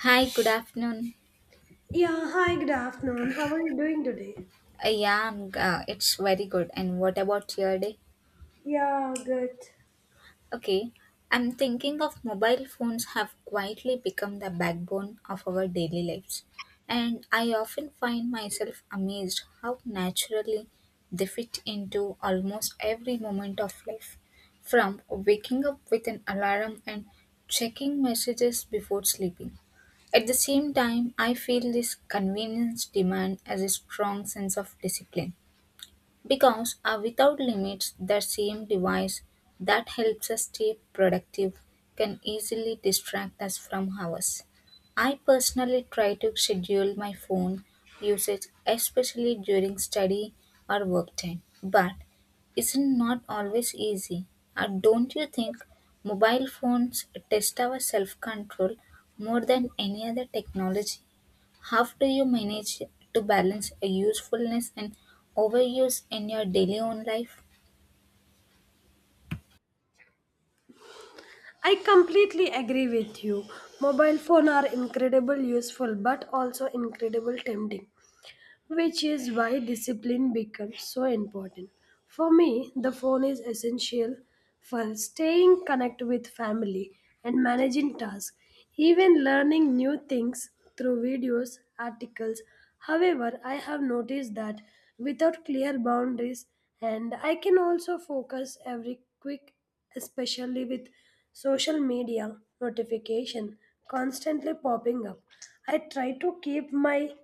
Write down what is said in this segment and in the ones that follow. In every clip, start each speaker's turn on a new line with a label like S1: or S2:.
S1: Hi, good afternoon.
S2: Yeah, hi, good afternoon. How are you doing today?
S1: Yeah, it's very good. And what about your day?
S2: Yeah, good.
S1: Okay, I'm thinking of mobile phones have quietly become the backbone of our daily lives. And I often find myself amazed how naturally they fit into almost every moment of life. From waking up with an alarm and checking messages before sleeping. At the same time, I feel this convenience demand as a strong sense of discipline. Because, a without limits, that same device that helps us stay productive can easily distract us from ours. I personally try to schedule my phone usage, especially during study or work time, but it's not always easy. Don't you think mobile phones test our self control more than any other technology? How do you manage to balance a usefulness and overuse in your daily own life?
S2: I completely agree with you. Mobile phone are incredible useful but also incredible tempting, which is why discipline becomes so important. For me, the phone is essential for staying connected with family and managing tasks, even learning new things through videos, articles. However, I have noticed that without clear boundaries, and I can also focus every quick, especially with social media notification constantly popping up. I try to keep my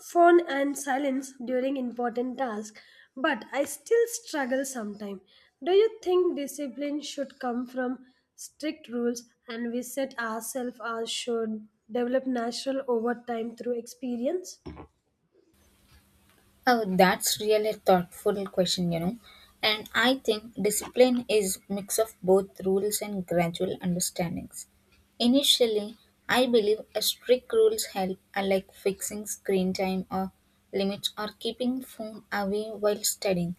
S2: phone and silence during important tasks, but I still struggle sometimes. Do you think discipline should come from strict rules and we set ourselves or should develop natural over time through experience?
S1: Oh, that's really thoughtful question, And I think discipline is mix of both rules and gradual understandings. Initially, I believe a strict rules help are like fixing screen time or limits or keeping phone away while studying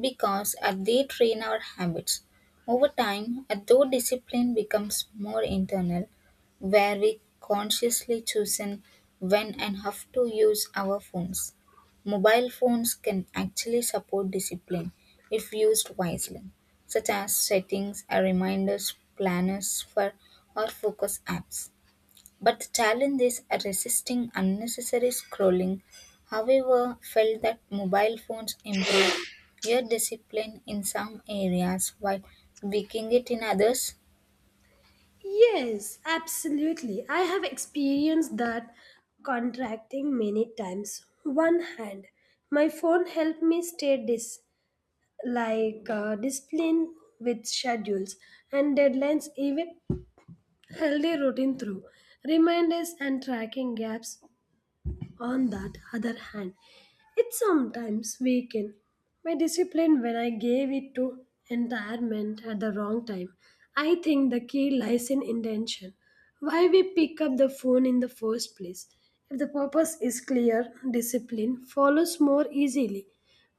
S1: because they train our habits. Over time, though discipline becomes more internal, where we consciously choose when and have to use our phones. Mobile phones can actually support discipline if used wisely, such as settings, a reminders, planners for or focus apps. But the challenge is resisting unnecessary scrolling. However, felt that mobile phones improve your discipline in some areas while weakening it in others.
S2: Yes, absolutely. I have experienced that contracting many times. One hand, my phone helped me stay disciplined with schedules and deadlines, even healthy routine through reminders and tracking gaps. On that other hand, it sometimes weakened my discipline when I gave it to entirement at the wrong time. I think the key lies in intention. Why we pick up the phone in the first place. If the purpose is clear, discipline follows more easily.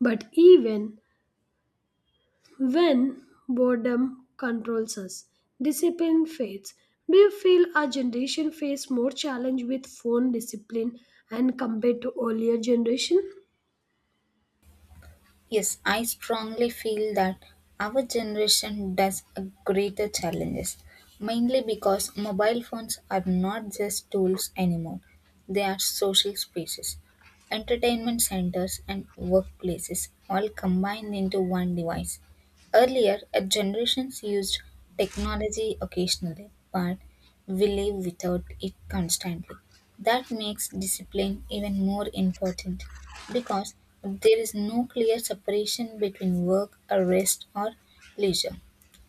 S2: But even when boredom controls us, discipline fades. Do you feel our generation face more challenge with phone discipline and compared to earlier generation?
S1: Yes, I strongly feel that our generation does a greater challenges, mainly because mobile phones are not just tools anymore. They are social spaces, entertainment centers and workplaces all combined into one device. Earlier, a generations used technology occasionally, but we live without it constantly. That makes discipline even more important because there is no clear separation between work, or rest, or leisure.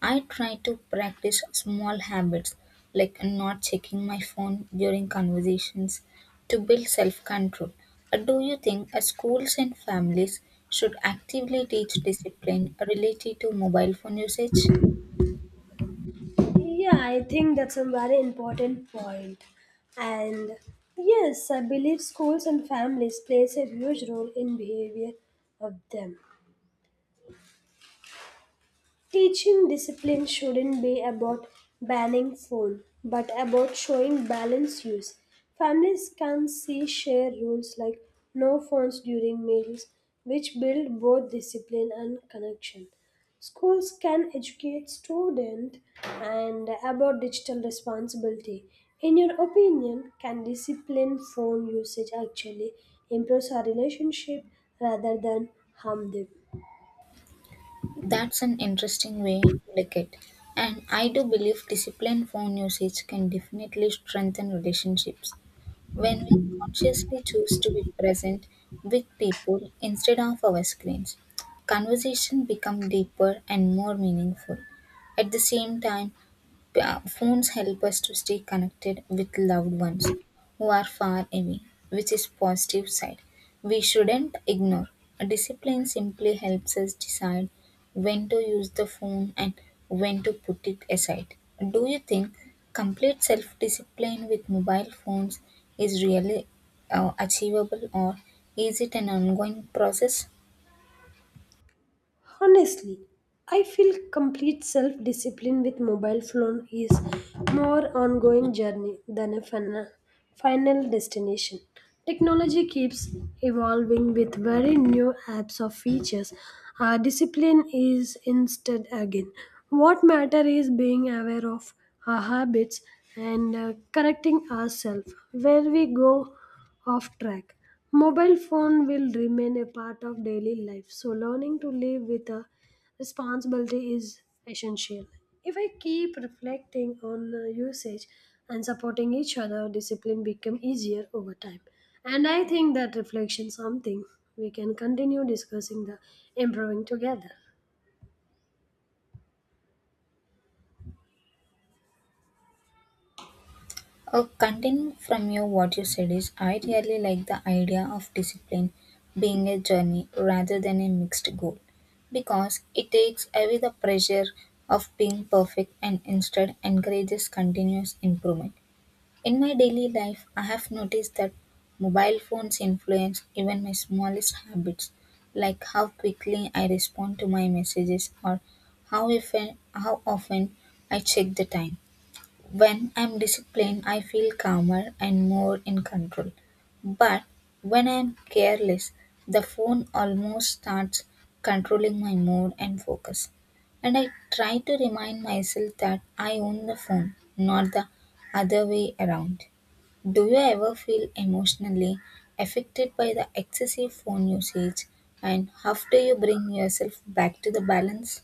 S1: I try to practice small habits like not checking my phone during conversations to build self control. Do you think schools and families should actively teach discipline related to mobile phone usage?
S2: Yeah, I think that's a very important point. And yes, I believe schools and families plays a huge role in behavior of them. Teaching discipline shouldn't be about banning phone, but about showing balanced use. Families can see share rules like no phones during meals, which build both discipline and connection. Schools can educate students and about digital responsibility. In your opinion, can discipline phone usage actually improve our relationship rather than harm them?
S1: That's an interesting way to look at. And I do believe disciplined phone usage can definitely strengthen relationships. When we consciously choose to be present with people instead of our screens, conversation become deeper and more meaningful. At the same time, phones help us to stay connected with loved ones who are far away, which is positive side. We shouldn't ignore. Discipline simply helps us decide when to use the phone and when to put it aside. Do you think complete self-discipline with mobile phones is really achievable or is it an ongoing process?
S2: Honestly, I feel complete self discipline with mobile phone is more ongoing journey than a final destination. Technology keeps evolving with very new apps or features. Our discipline is instead again. What matter is being aware of our habits and correcting ourselves where we go off track. Mobile phone will remain a part of daily life, so learning to live with a responsibility is essential. If I keep reflecting on usage and supporting each other, discipline become easier over time. And I think that reflection something we can continue discussing the improving together.
S1: Continuing from you, what you said is, I really like the idea of discipline being a journey rather than a mixed goal because it takes away the pressure of being perfect and instead encourages continuous improvement. In my daily life, I have noticed that mobile phones influence even my smallest habits, like how quickly I respond to my messages or how, if, how often I check the time when I'm disciplined, I feel calmer and more in control. But when I'm careless, the phone almost starts controlling my mood and focus. And I try to remind myself that I own the phone, not the other way around. Do you ever feel emotionally affected by the excessive phone usage? And how do you bring yourself back to the balance?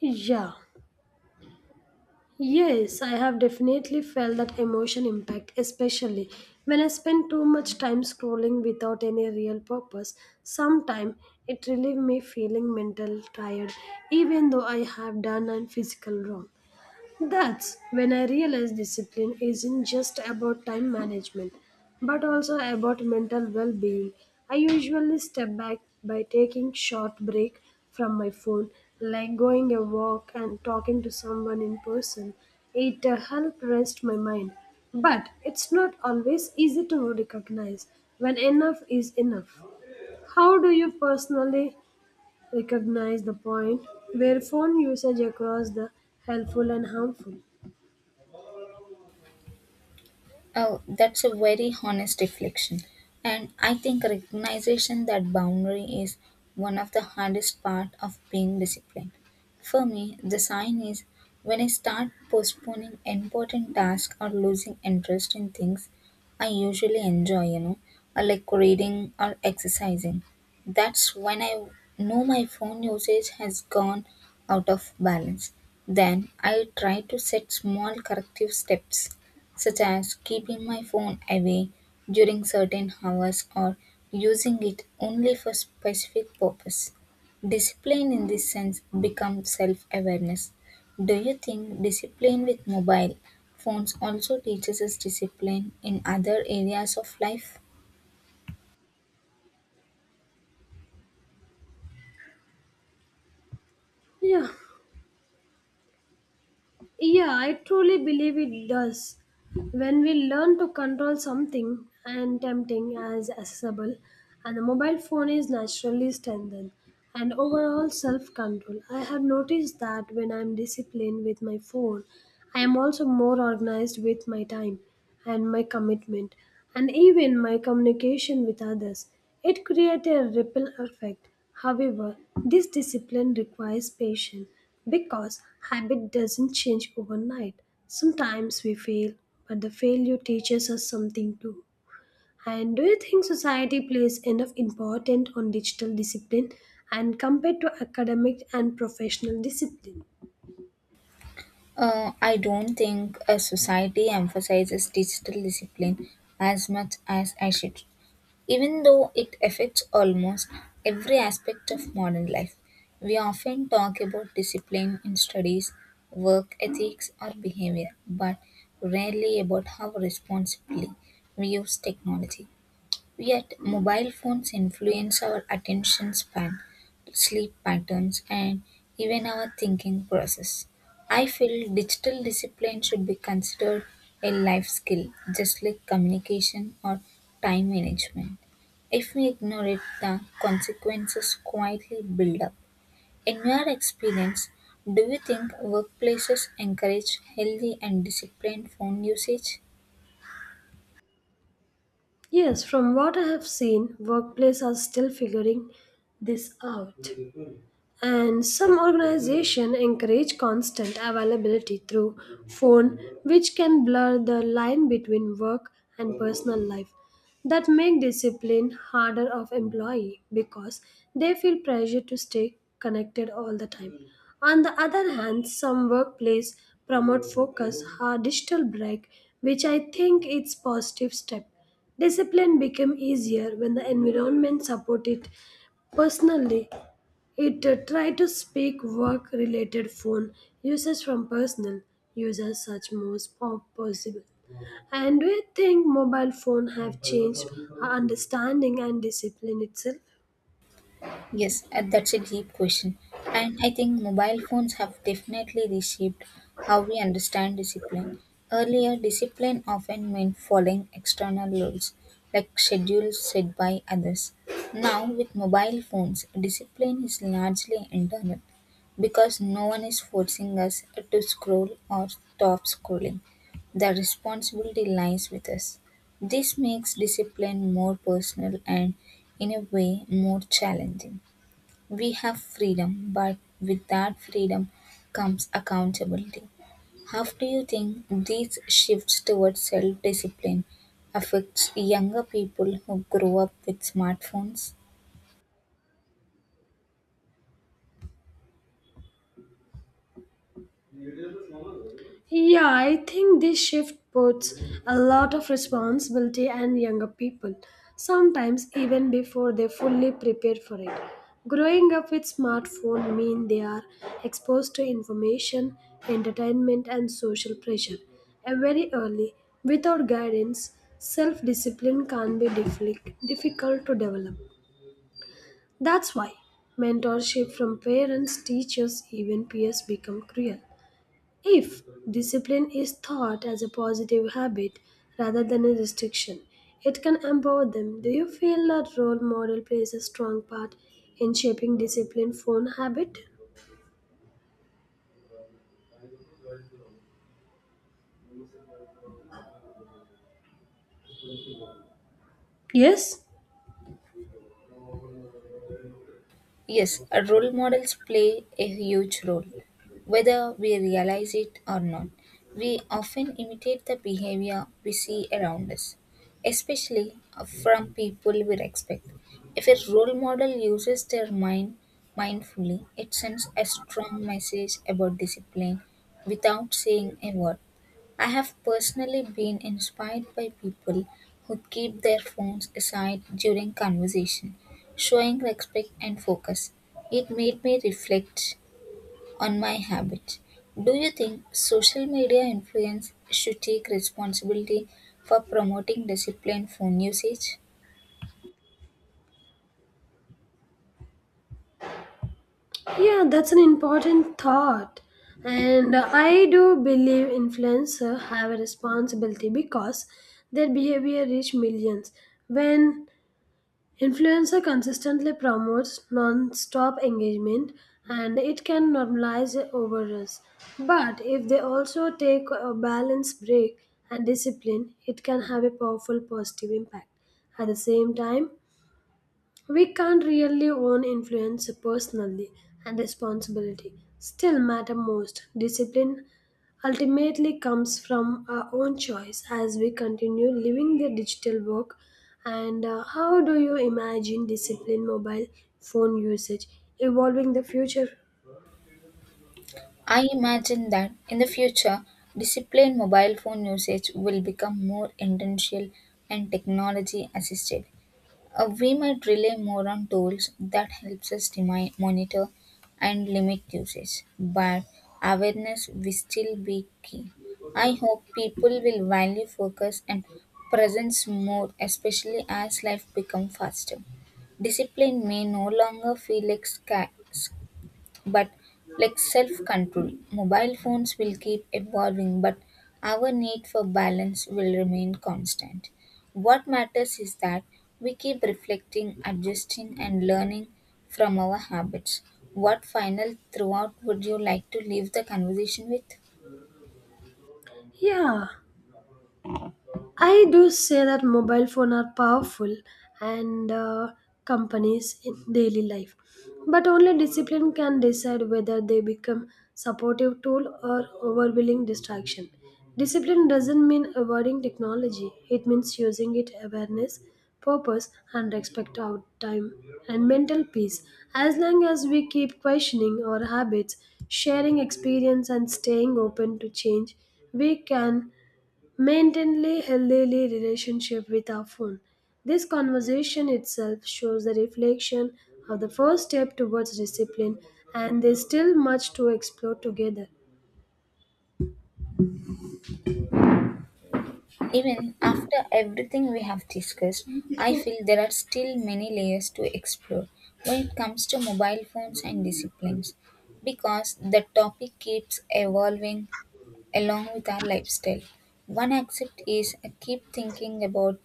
S2: Yeah. Yes, I have definitely felt that emotion impact, especially when I spend too much time scrolling without any real purpose. Sometimes it relieves me feeling mental tired, even though I have done and physical wrong. That's when I realized discipline isn't just about time management, but also about mental well being. I usually step back by taking short break from my phone, like going a walk and talking to someone in person. It helps rest my mind. But it's not always easy to recognize when enough is enough. How do you personally recognize the point where phone usage across the helpful and harmful?
S1: Oh, that's a very honest reflection. And I think recognition that boundary is one of the hardest part of being disciplined. For me, the sign is when I start postponing important tasks or losing interest in things I usually enjoy, or like reading or exercising. That's when I know my phone usage has gone out of balance. Then I try to set small corrective steps such as keeping my phone away during certain hours or using it only for specific purpose. Discipline in this sense becomes self-awareness. Do you think discipline with mobile phones also teaches us discipline in other areas of life?
S2: Yeah, yeah, I truly believe it does. When we learn to control something and tempting as accessible, and the mobile phone is naturally strengthened, and overall self control. I have noticed that when I'm disciplined with my phone, I am also more organized with my time and my commitment and even my communication with others. It creates a ripple effect. However, this discipline requires patience because habit doesn't change overnight. Sometimes we fail, but the failure teaches us something too. And do you think society plays enough importance on digital discipline and compared to academic and professional discipline?
S1: I don't think a society emphasizes digital discipline as much as I should. Even though it affects almost every aspect of modern life, we often talk about discipline in studies, work ethics, or behavior, but rarely about how responsibly we use technology. Yet, mobile phones influence our attention span, sleep patterns, and even our thinking process. I feel digital discipline should be considered a life skill, just like communication or time management. If we ignore it, the consequences quietly build up. In your experience, do you think workplaces encourage healthy and disciplined phone usage?
S2: Yes, from what I have seen, workplaces are still figuring this out, and some organizations encourage constant availability through phone, which can blur the line between work and personal life. That make discipline harder of employee because they feel pressure to stay connected all the time. On the other hand, some workplace promote focus or digital break, which I think it's positive step. Discipline become easier when the environment support it. Personally, it tried to speak work related phone users from personal users such most possible. And we think mobile phone have changed our understanding and discipline itself.
S1: Yes, and that's a deep question. And I think mobile phones have definitely reshaped how we understand discipline. Earlier, discipline often meant following external rules, like schedules set by others. Now, with mobile phones, discipline is largely internal because no one is forcing us to scroll or stop scrolling. The responsibility lies with us. This makes discipline more personal and, in a way, more challenging. We have freedom, but with that freedom comes accountability. How do you think these shifts towards self discipline affects younger people who grow up with smartphones?
S2: Yeah, I think this shift puts a lot of responsibility on younger people, sometimes even before they fully prepare for it. Growing up with smartphone mean they are exposed to information, entertainment and social pressure and very early without guidance self-discipline can be difficult to develop. That's why mentorship from parents, teachers, even peers become cruel. If discipline is thought as a positive habit rather than a restriction, it can empower them. Do you feel that role model plays a strong part in shaping discipline phone habit? Yes,
S1: Yes, role models play a huge role, whether we realize it or not. We often imitate the behavior we see around us, especially from people we respect. If a role model uses their mindfully, it sends a strong message about discipline without saying a word. I have personally been inspired by people who keep their phones aside during conversation, showing respect and focus. It made me reflect on my habits. Do you think social media influence should take responsibility for promoting disciplined phone usage?
S2: yeah, that's an important thought. And I do believe influencers have a responsibility because their behavior reach millions. When Influencer consistently promotes non-stop engagement and it can normalize overuse. But if they also take a balance break and discipline, it can have a powerful positive impact. At the same time, we can't really own influence personally, and responsibility still matter most. Discipline ultimately comes from our own choice as we continue living the digital work. And how do you imagine discipline mobile phone usage evolving the future?
S1: I imagine that in the future, disciplined mobile phone usage will become more intentional and technology assisted. We might rely more on tools that helps us monitor and limit usage, but awareness will still be key. I hope people will value focus and presence more, especially as life becomes faster. Discipline may no longer feel like but like self control mobile phones will keep evolving but our need for balance will remain constant what matters is that we keep reflecting adjusting and learning from our habits what final throughout would you like to leave the conversation with
S2: Yeah. I do say that mobile phone are powerful and companies in daily life, but only discipline can decide whether they become supportive tool or overwhelming distraction. Discipline doesn't mean avoiding technology; it means using it awareness, purpose, and respect our time and mental peace. As long as we keep questioning our habits, sharing experience, and staying open to change, we can Maintainly healthily relationship with our phone. This conversation itself shows the reflection of the first step towards discipline, and there's still much to explore together.
S1: even after everything we have discussed, I feel there are still many layers to explore when it comes to mobile phones and disciplines because the topic keeps evolving along with our lifestyle. One aspect is I keep thinking about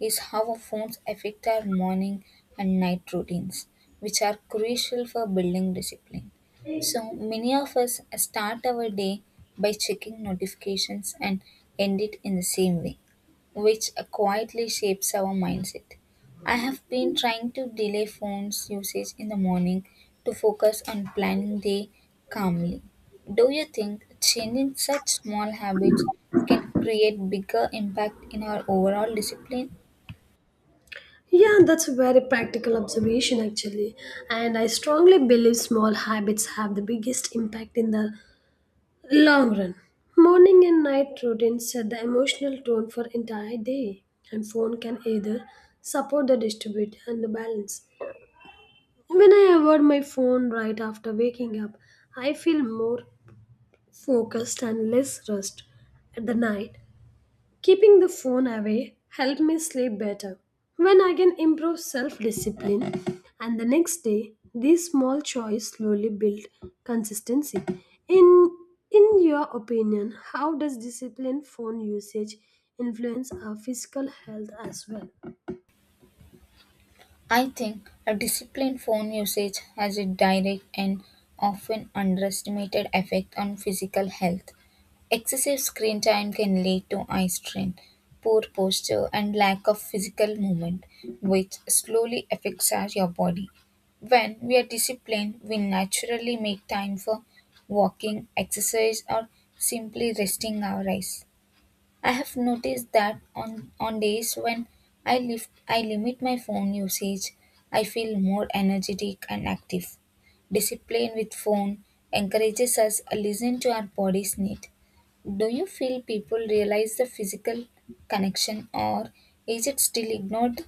S1: is how our phones affect our morning and night routines, which are crucial for building discipline. So many of us start our day by checking notifications and end it in the same way, which quietly shapes our mindset. I have been trying to delay phones usage in the morning to focus on planning day calmly. Do you think changing such small habits can create bigger impact in our overall discipline?
S2: Yeah, that's a very practical observation actually. And I strongly believe small habits have the biggest impact in the long run. Morning and night routines set the emotional tone for entire day, and phone can either support the distribute and the balance. When I avoid my phone right after waking up, I feel more focused and less rushed at the night. Keeping the phone away helped me sleep better. When I can improve self-discipline and the next day, these small choices slowly build consistency. In in your opinion, how does disciplined phone usage influence our physical health as well?
S1: I think a disciplined phone usage has a direct and often underestimated effect on physical health. Excessive screen time can lead to eye strain, poor posture, and lack of physical movement, which slowly affects your body. When we are disciplined, we naturally make time for walking, exercise, or simply resting our eyes. I have noticed that on days when I limit my phone usage, I feel more energetic and active. Discipline with phone encourages us to listen to our body's need. Do you feel people realize the physical connection or is it still ignored?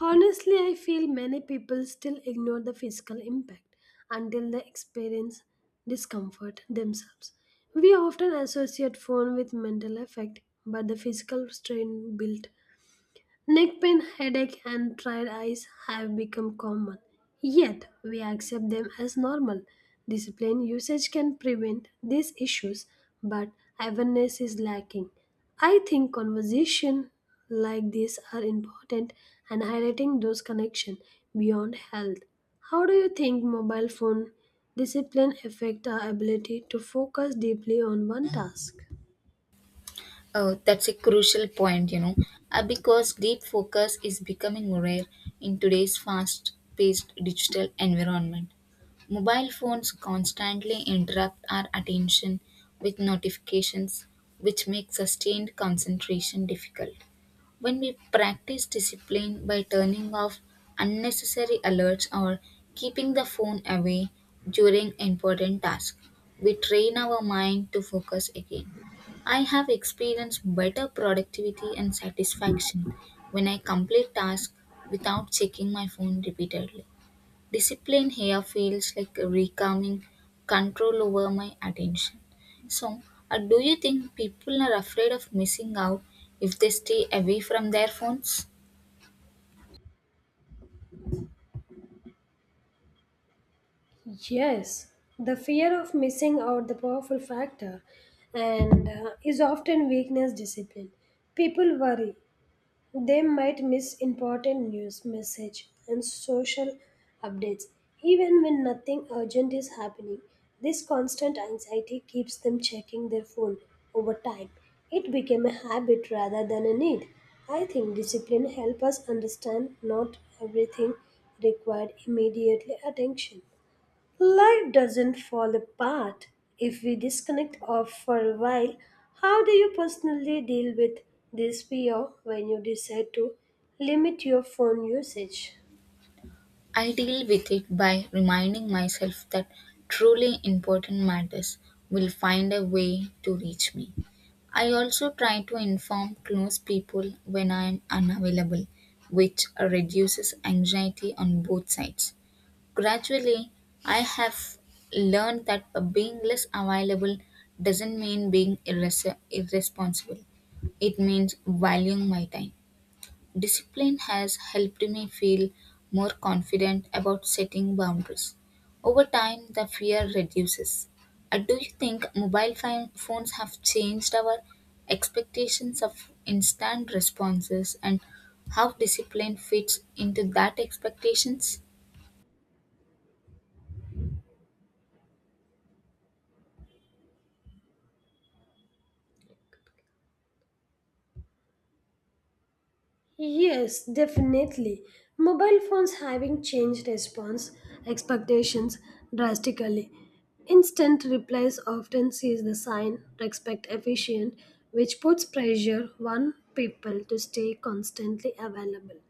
S2: Honestly, I feel many people still ignore the physical impact until they experience discomfort themselves. We often associate phone with mental effect, but the physical strain built Neck pain, headache, and tired eyes have become common, yet we accept them as normal. Disciplined usage can prevent these issues, but awareness is lacking. I think conversation like this are important and highlighting those connections beyond health. How do you think mobile phone discipline affect our ability to focus deeply on one task?
S1: Oh, that's a crucial point, because deep focus is becoming rare in today's fast paced digital environment. Mobile phones constantly interrupt our attention with notifications, which make sustained concentration difficult. When we practice discipline by turning off unnecessary alerts or keeping the phone away during important tasks, we train our mind to focus again. I have experienced better productivity and satisfaction when I complete tasks without checking my phone repeatedly. Discipline here feels like reclaiming control over my attention. So, do you think people are afraid of missing out if they stay away from their phones?
S2: Yes, the fear of missing out the powerful factor and is often weakness discipline. People worry they might miss important news message and social updates even when nothing urgent is happening. This constant anxiety keeps them checking their phone over time. It became a habit rather than a need. I think discipline helps us understand not everything required immediately attention. Life doesn't fall apart if we disconnect off for a while. How do you personally deal with this fear when you decide to limit your phone usage?
S1: I deal with it by reminding myself that truly important matters will find a way to reach me. I also try to inform close people when I am unavailable, which reduces anxiety on both sides. Gradually, I have learned that being less available doesn't mean being irresponsible. It means valuing my time. Discipline has helped me feel more confident about setting boundaries. Over time, the fear reduces. Do you think mobile phones have changed our expectations of instant responses and how discipline fits into that expectations?
S2: Yes, definitely. Mobile phones having changed response expectations drastically. Instant replies often sees the sign respect efficient, which puts pressure on people to stay constantly available.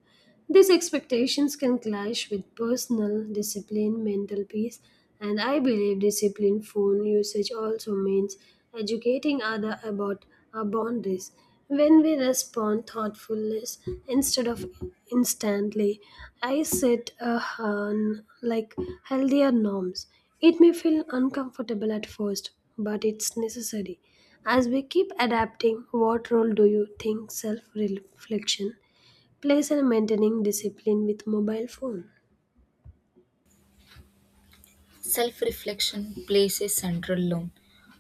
S2: These expectations can clash with personal discipline, mental peace, and I believe disciplined phone usage also means educating others about our boundaries. When we respond thoughtfully instead of instantly, I set, like, healthier norms. It may feel uncomfortable at first, but it's necessary. As we keep adapting, what role do you think self reflection place and maintaining discipline with mobile phone.
S1: Self reflection plays a central role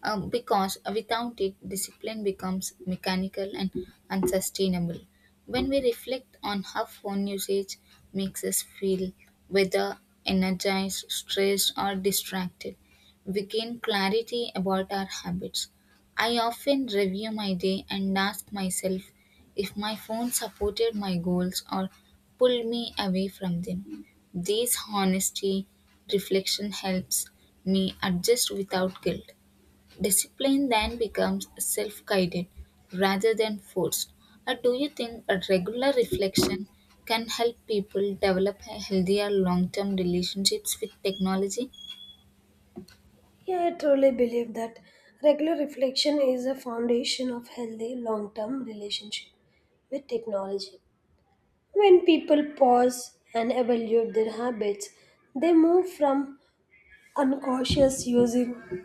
S1: because without it, discipline becomes mechanical and unsustainable. When we reflect on how phone usage makes us feel, whether energized, stressed, or distracted, we gain clarity about our habits. I often review my day and ask myself if my phone supported my goals or pulled me away from them. This honesty reflection helps me adjust without guilt. Discipline then becomes self guided rather than forced. Or do you think a regular reflection can help people develop a healthier long term relationships with technology?
S2: Yeah, I truly believe that regular reflection is a foundation of healthy long-term relationship with technology. When people pause and evaluate their habits, they move from unconscious using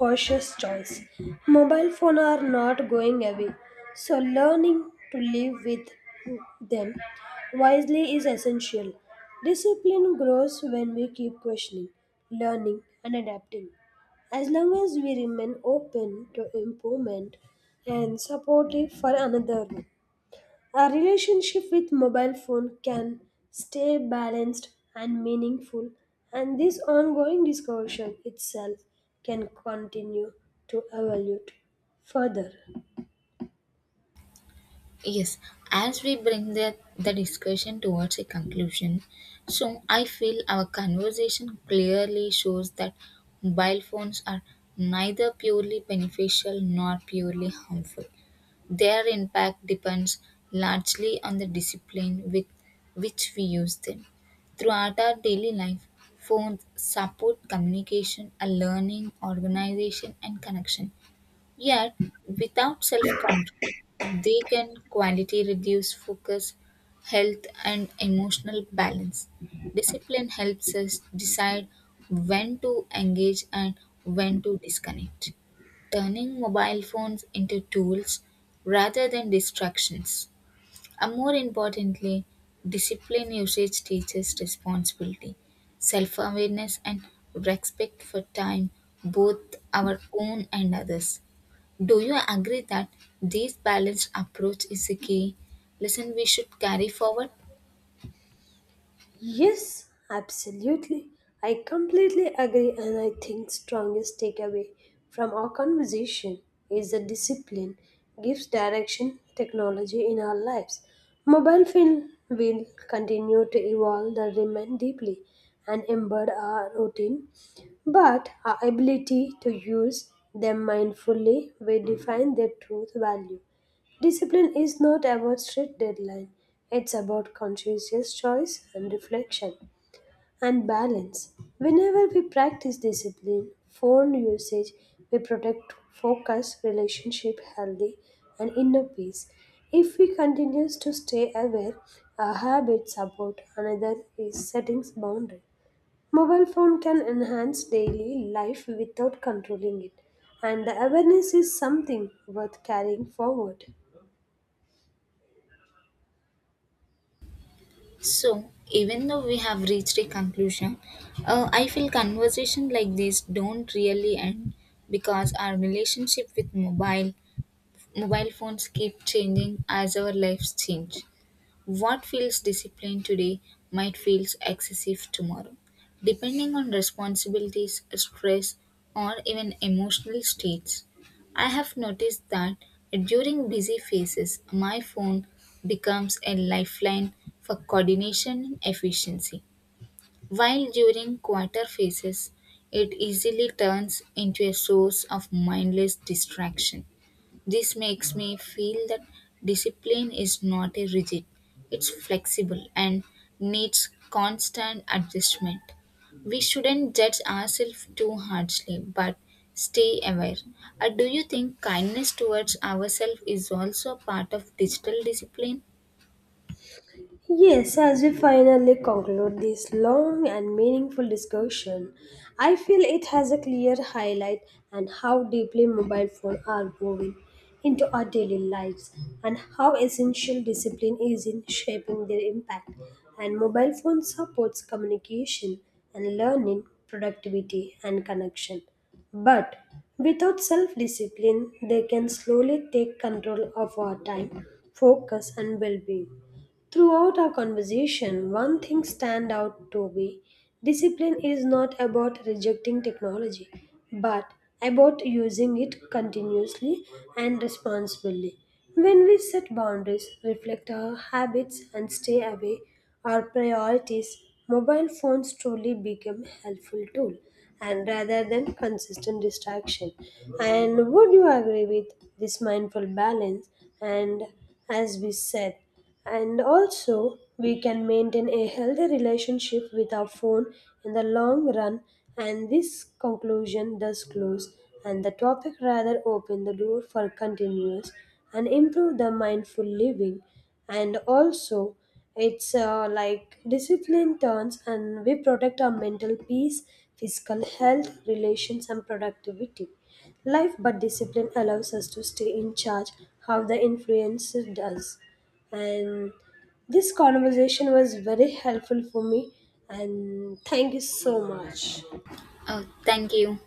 S2: cautious choice. Mobile phones are not going away, so learning to live with them wisely is essential. Discipline grows when we keep questioning, learning, and adapting. As long as we remain open to improvement and supportive for another. A relationship with mobile phone can stay balanced and meaningful, and this ongoing discussion itself can continue to evolve further.
S1: Yes, as we bring the discussion towards a conclusion, so I feel our conversation clearly shows that mobile phones are neither purely beneficial nor purely harmful. Their impact depends largely on the discipline with which we use them. Throughout our daily life, phones support communication, a learning, organization, and connection. Yet, without self control, they can quality reduce focus, health, and emotional balance. Discipline helps us decide when to engage and when to disconnect, turning mobile phones into tools rather than distractions. And more importantly, discipline usage teaches responsibility, self awareness, and respect for time, both our own and others. Do you agree that this balanced approach is a key lesson we should carry forward?
S2: Yes, absolutely. I completely agree, and I think strongest takeaway from our conversation is that discipline gives direction technology in our lives. Mobile phone will continue to evolve the remain deeply and embed our routine, but our ability to use them mindfully will define their truth value. Discipline is not about strict deadline. It's about conscientious choice and reflection and balance. Whenever we practice discipline, phone usage, we protect focus, relationship healthy and inner peace. If we continue to stay aware, our habits support another is setting boundary. Mobile phone can enhance daily life without controlling it, and the awareness is something worth carrying forward.
S1: So, even though we have reached a conclusion, I feel conversation like this don't really end because our relationship with mobile phones keep changing as our lives change. What feels disciplined today might feel excessive tomorrow, depending on responsibilities, stress, or even emotional states. I have noticed that during busy phases, my phone becomes a lifeline for coordination and efficiency, while during quieter phases, it easily turns into a source of mindless distraction. This makes me feel that discipline is not a rigid, it's flexible and needs constant adjustment. We shouldn't judge ourselves too harshly, but stay aware. Do you think kindness towards ourselves is also part of digital discipline?
S2: Yes, as we finally conclude this long and meaningful discussion, I feel it has a clear highlight on how deeply mobile phones are woven into our daily lives and how essential discipline is in shaping their impact. And mobile phone supports communication and learning, productivity and connection. But without self discipline, they can slowly take control of our time, focus, and well being. Throughout our conversation, one thing stand out to me. Discipline is not about rejecting technology, but about using it continuously and responsibly. When we set boundaries, reflect our habits, and stay away our priorities, mobile phones truly become a helpful tool and rather than consistent distraction. And would you agree with this mindful balance? And as we said, and also, we can maintain a healthy relationship with our phone in the long run. And this conclusion does close, and the topic rather open the door for continuous and improve the mindful living. And also, it's like discipline turns, and we protect our mental peace, physical health, relations, and productivity. Life but discipline allows us to stay in charge how the influencer does and this conversation was very helpful for me and thank you so much
S1: Oh, thank you.